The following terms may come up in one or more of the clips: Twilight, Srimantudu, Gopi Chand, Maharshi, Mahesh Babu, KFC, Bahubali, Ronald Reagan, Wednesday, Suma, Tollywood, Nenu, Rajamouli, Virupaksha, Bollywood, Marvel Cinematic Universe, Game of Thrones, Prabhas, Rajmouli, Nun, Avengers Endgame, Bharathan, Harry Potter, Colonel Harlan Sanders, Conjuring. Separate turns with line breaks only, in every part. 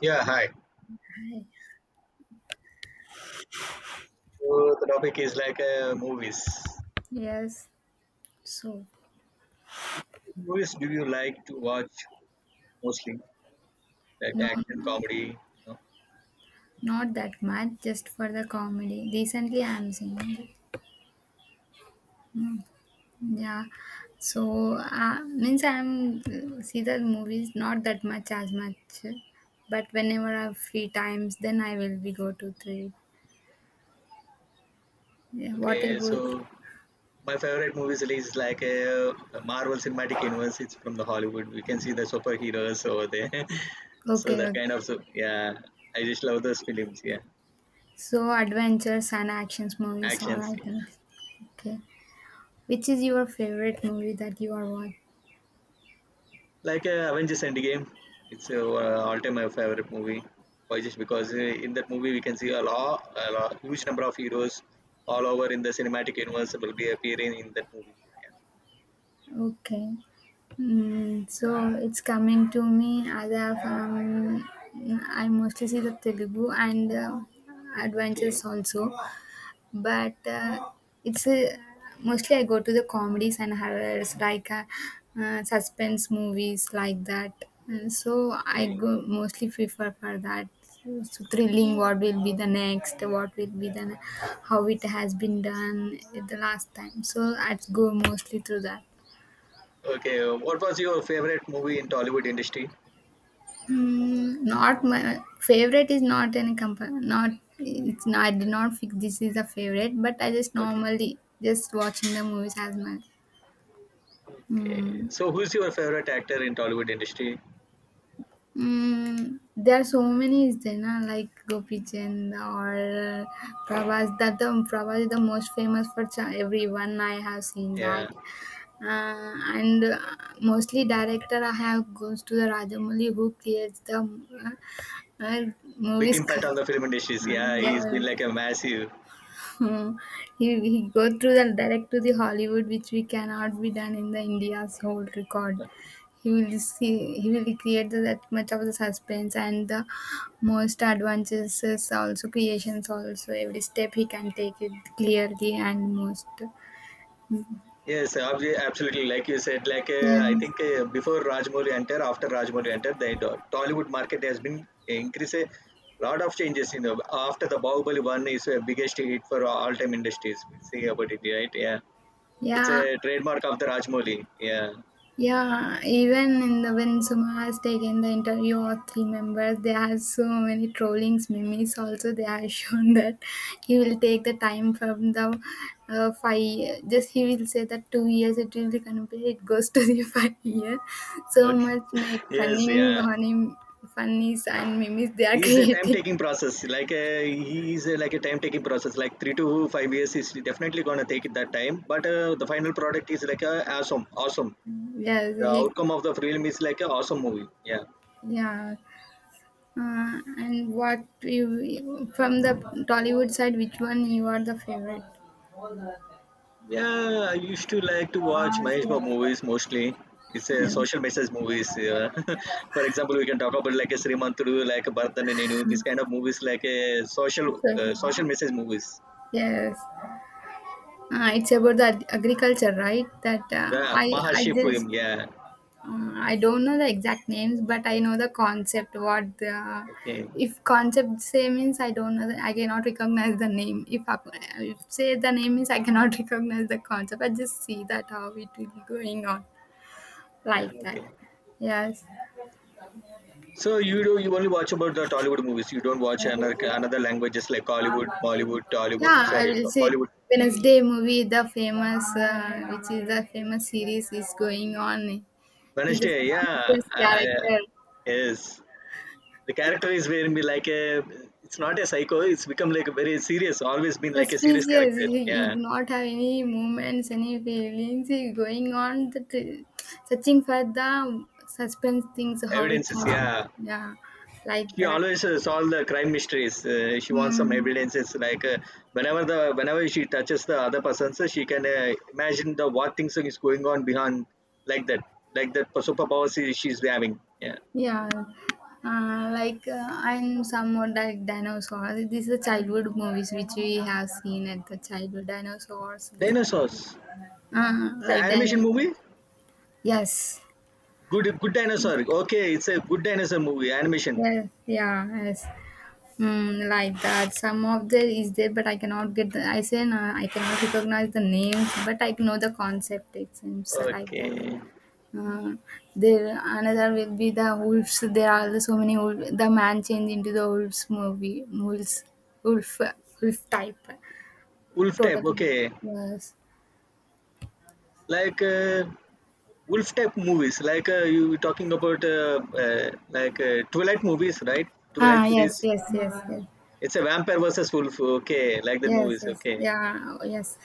Yeah, hi. So the topic is like movies.
Yes, so
Movies do you like to watch mostly? Like
no,
action, comedy? No?
not that much, just for the comedy. Recently, I'm seeing that. Yeah, so means I'm see the movies not that much as much, but whenever I have free times, then I will be go to three. Yeah, what
Okay,
about?
so my favorite movies is like Marvel Cinematic Universe. It's from the Hollywood. We can see the superheroes over there. So
Okay,
that
okay.
kind of, so, yeah, I just love those films. Yeah,
So adventures and actions movies, all
action
I think. Okay, which is your favorite movie that you are watching?
like Avengers Endgame. It's all-time my favorite movie. Why? Just because in that movie we can see a lot, huge number of heroes all over in the cinematic universe will be appearing in that movie.
Okay. Mm, so it's coming to me as a I mostly see the Telugu and
Yeah.
adventures also, but it's mostly I go to the comedies and horrors like suspense movies like that. And so
Okay,
I
okay,
go mostly prefer for that. So thrilling, what will be the next? What will be the how it has been done the last time? So I go mostly through that.
okay. What was your favorite movie in Tollywood industry?
Mm, not my favorite is not any company. Not it's not. I did not fix this is a favorite, but I just
Okay,
normally just watching the movies as my.
okay.
Mm,
So who's your favorite actor in Tollywood industry?
mm, there are so many is there na, like Gopi Chand or Prabhas that the Prabhas is the most famous for everyone I have seen that,
Yeah,
uh, and mostly director I have goes to the Rajamouli who creates the uh, uh,
big
movies
impact on the film industries. Yeah, he's been
Yeah.
like a massive.
Hmm. He go through the direct to the Hollywood, which we cannot be done in the India's whole record. He will see he will create the, that much of the suspense and the most advances also creations also every step he can take it clearly and most
Yes, absolutely. Like you said, like I
yes
think before Rajmouli entered, after Rajmouli entered, the Tollywood market has been increased a lot of changes. In the, after the Bahubali one is the biggest hit for all time industries. We see about it, right? Yeah, it's
yeah.
a trademark of the Rajmouli. Yeah.
Yeah, even in the when Suma has taken the interview of three members, there are so many trollings, memes. Also, they have shown that he will take the time from the five. Just he will say that 2 years it will be complete. It goes to the 5 year. So
Okay.
much make
Yes.
funning
Yeah.
on him, funnies and memes they are
He's a time
creating.
taking process. Like he is a, like a time taking process. Like 3 to 5 years is definitely gonna take that time. But the final product is like a awesome,
Yes,
the
he,
outcome of the film is like an awesome movie. Yeah.
yeah. And what you from the Tollywood side, which one you are the favorite?
Yeah, I used to like to watch Mahesh Babu movies mostly. It's a
Yeah.
social message movies. Yeah. For example, we can talk about like a Srimantudu, like a Bharathan and Nenu. These kind of movies like a social,
Sure, sure.
social message movies.
Yes, it's about the agriculture, right? That
Yeah,
I
Maharshi
just
film. Yeah.
I don't know the exact names, but I know the concept. What the
Okay.
if concept say means I don't know. The, I cannot recognize the name. If I, if say the name means I cannot recognize the concept. I just see that how it will be going on
Yeah.
like that.
Okay.
Yes.
So you do you only watch about the Tollywood movies. You don't watch another languages like Hollywood, Bollywood, Tollywood.
Yeah, I
Sorry,
will say
Bollywood.
Wednesday movie, the famous, which is the famous series, is going on. He's a
Wednesday. Yeah.
suspicious character.
Yes. The character is very be like a, it's not a psycho, it's become like a very serious, always been like a serious
Suspicious.
character.
He
Yeah,
do not have any movements, any feelings. He going on the searching for the suspense things, how it
evidences.
happened.
Yeah,
Yeah, like
she
that.
always solve the crime mysteries. She wants some
Hmm.
evidences like whenever she touches the other person, so she can imagine the what things is going on behind, like that like that superpower she's having. Yeah.
Yeah, like I'm somewhat like dinosaurs. These are childhood movies which we have seen at the childhood dinosaurs. The,
Dinosaurs. It's an
like
animation
dino,
movie.
yes,
Good dinosaur. Okay, it's a good dinosaur movie animation.
yeah, yeah, yes. Mm, like that. Some of the is there, but I cannot get. The, I say no, I cannot recognize the names, but I know the concept. It seems like that.
Okay,
Um, there another will be the wolves. There are so many wolf. The man changed into the wolves movie. Wolves, wolf, wolf type.
wolf type.
Totally.
Okay,
Yes.
like wolf type movies, like you were talking about like twilight movies, right? Twilight
Ah. Yes.
series.
Yes. Yes. Yes.
It's a vampire versus wolf. Okay, like that
Yes.
movies.
Yes.
Okay,
Yeah. Yes.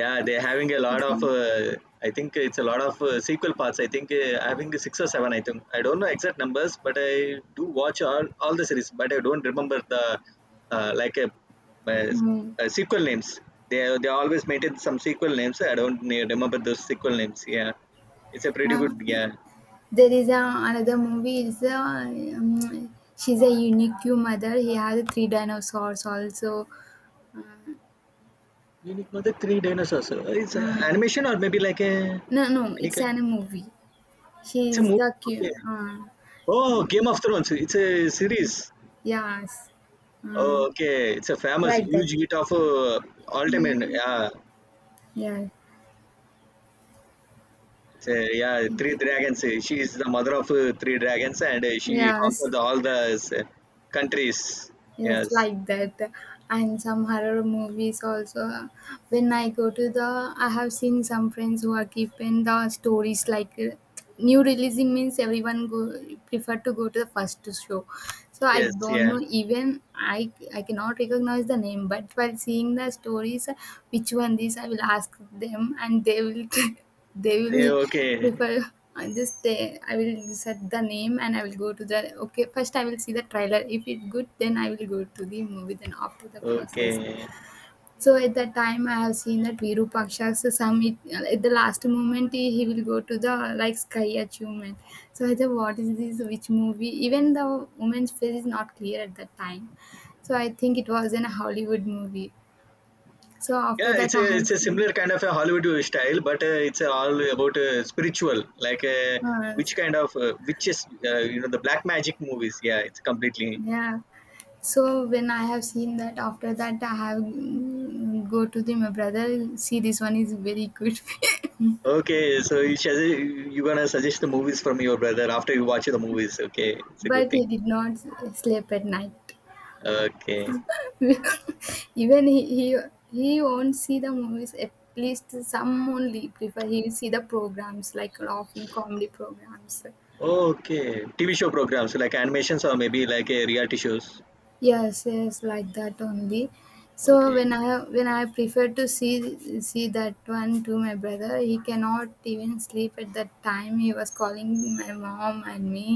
yeah, they're having a lot of.
Okay.
I think it's a lot of sequel parts. I think having six or seven. I think I don't know exact numbers, but I do watch all the series, but I don't remember the like a, uh,
Mm.
sequel names. They always maintain some sequel names. I don't remember those sequel names. Yeah, it's a pretty good.
Uh,
Yeah,
there is a, another movie. Is a, she's a unique mother. He has three dinosaurs also. Uh,
unique mother three dinosaurs. It's a
Um,
animation or maybe like a,
no, no,
any
it's
kind.
an movie.
It's
She
a
is
movie.
the
Okay.
cute.
Oh, Game of Thrones. It's a series.
Yes. Mm,
Oh, okay, it's a famous
like that.
huge hit of Ultimate.
Mm.
Yeah,
Yeah.
it's a, yeah, Three Dragons. She is the mother of Three Dragons, and she
Yes.
conquered all the, uh, countries.
Yes,
Yes,
like that. And some horror movies also. When I go to the, I have seen some friends who are keeping the stories like new releasing means everyone go prefer to go to the first show. So I
yes,
don't
yeah.
know even I cannot recognize the name, but while seeing the stories, which one this I will ask them and they will they will
Yeah, okay,
prefer. I just I will set the name and I will go to the okay first I will see the trailer if it good then I will go to the movie then after the process,
okay.
so at that time I have seen that Virupaksha, so some it, at the last moment he will go to the like sky achievement. So I thought what is this which movie even the woman's face is not clear at that time, so I think it was in a Hollywood movie. So after
Yeah,
that I have
it's a
seen
similar kind of a Hollywood style, but it's all about spiritual, like
uh,
which kind of witches, the black magic movies. Yeah, it's completely.
Yeah. So when I have seen that, after that I have mm, go to the my brother. See, this one is very good,
Okay, so you gonna suggest the movies from your brother after you watch the movies. Okay, it's a good
but he
thing.
did not sleep at night.
Okay,
Even he he won't see the movies. At least some only prefer he will see the programs like laughing comedy programs.
okay. TV show programs like animations or maybe like a reality shows.
Yes, yes, like that only. So
Okay,
when I prefer to see that one to my brother, he cannot even sleep at that time. He was calling my mom and me.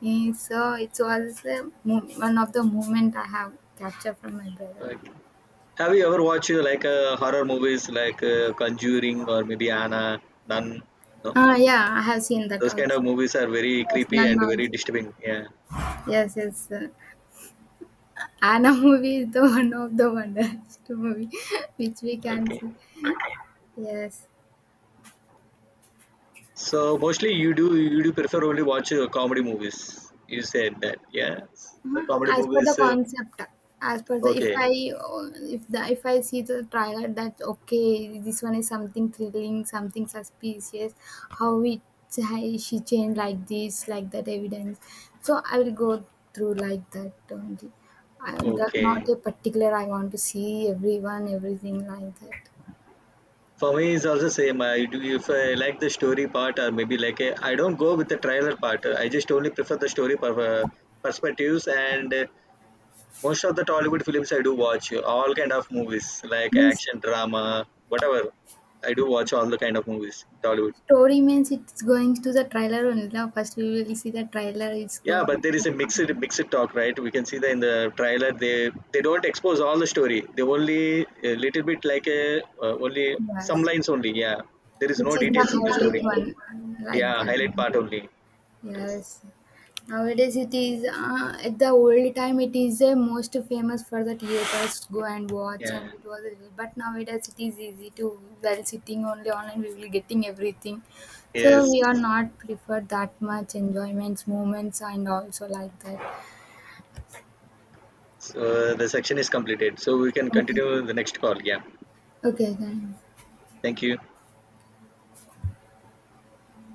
He- So it was one of the moment I have captured from my brother.
okay. Have you ever watched like horror movies like Conjuring or maybe Anna, Nun? No,
Ah, yeah, I have seen that
those kind of
also.
movies are very
Yes,
creepy
none
and very
also.
disturbing. Yeah.
Yes, yes. Anna movie is the one of the wonders movie which we can
Okay.
see. Yes.
So mostly you do prefer only watch comedy movies. You said that. Yeah, the
Mhm.
comedy
As per the
movies.
concept, as per the if
Okay.
I if the if I see the trailer that okay this one is something thrilling, something suspicious, how it how she changed like this, like that evidence. So I will go through like that only. I, the, not
Okay,
a particular. I want to see everyone, everything like that.
for me, it's also same. I do, if I like the story part, or maybe like I don't go with the trailer part. I just only prefer the story per, perspectives, and most of the Tollywood films I do watch all kind of movies like
This
action, drama, whatever. I do watch all the kind of movies Tollywood.
story means it's going to the trailer only. Now first we will see the trailer. It's
Yeah,
going.
but there is a mixed talk, right? We can see that in the trailer they don't expose all the story. They only a little bit, like a, only some
Yes,
lines only. Yeah, there is
which
no
is the
details in the
highlight
story.
one. Mm, like
Yeah,
that
highlight part
only.
only. Yes.
Yes, nowadays it is at the old time it is most famous for the theaters go and watch and
Yeah.
it was, but nowadays it is easy to while sitting only online we will getting everything, so
Yes.
we are not prefer that much enjoyments moments and also like that.
So the section is completed. So we can
Okay,
continue the next call. Yeah.
okay then.
Thank you.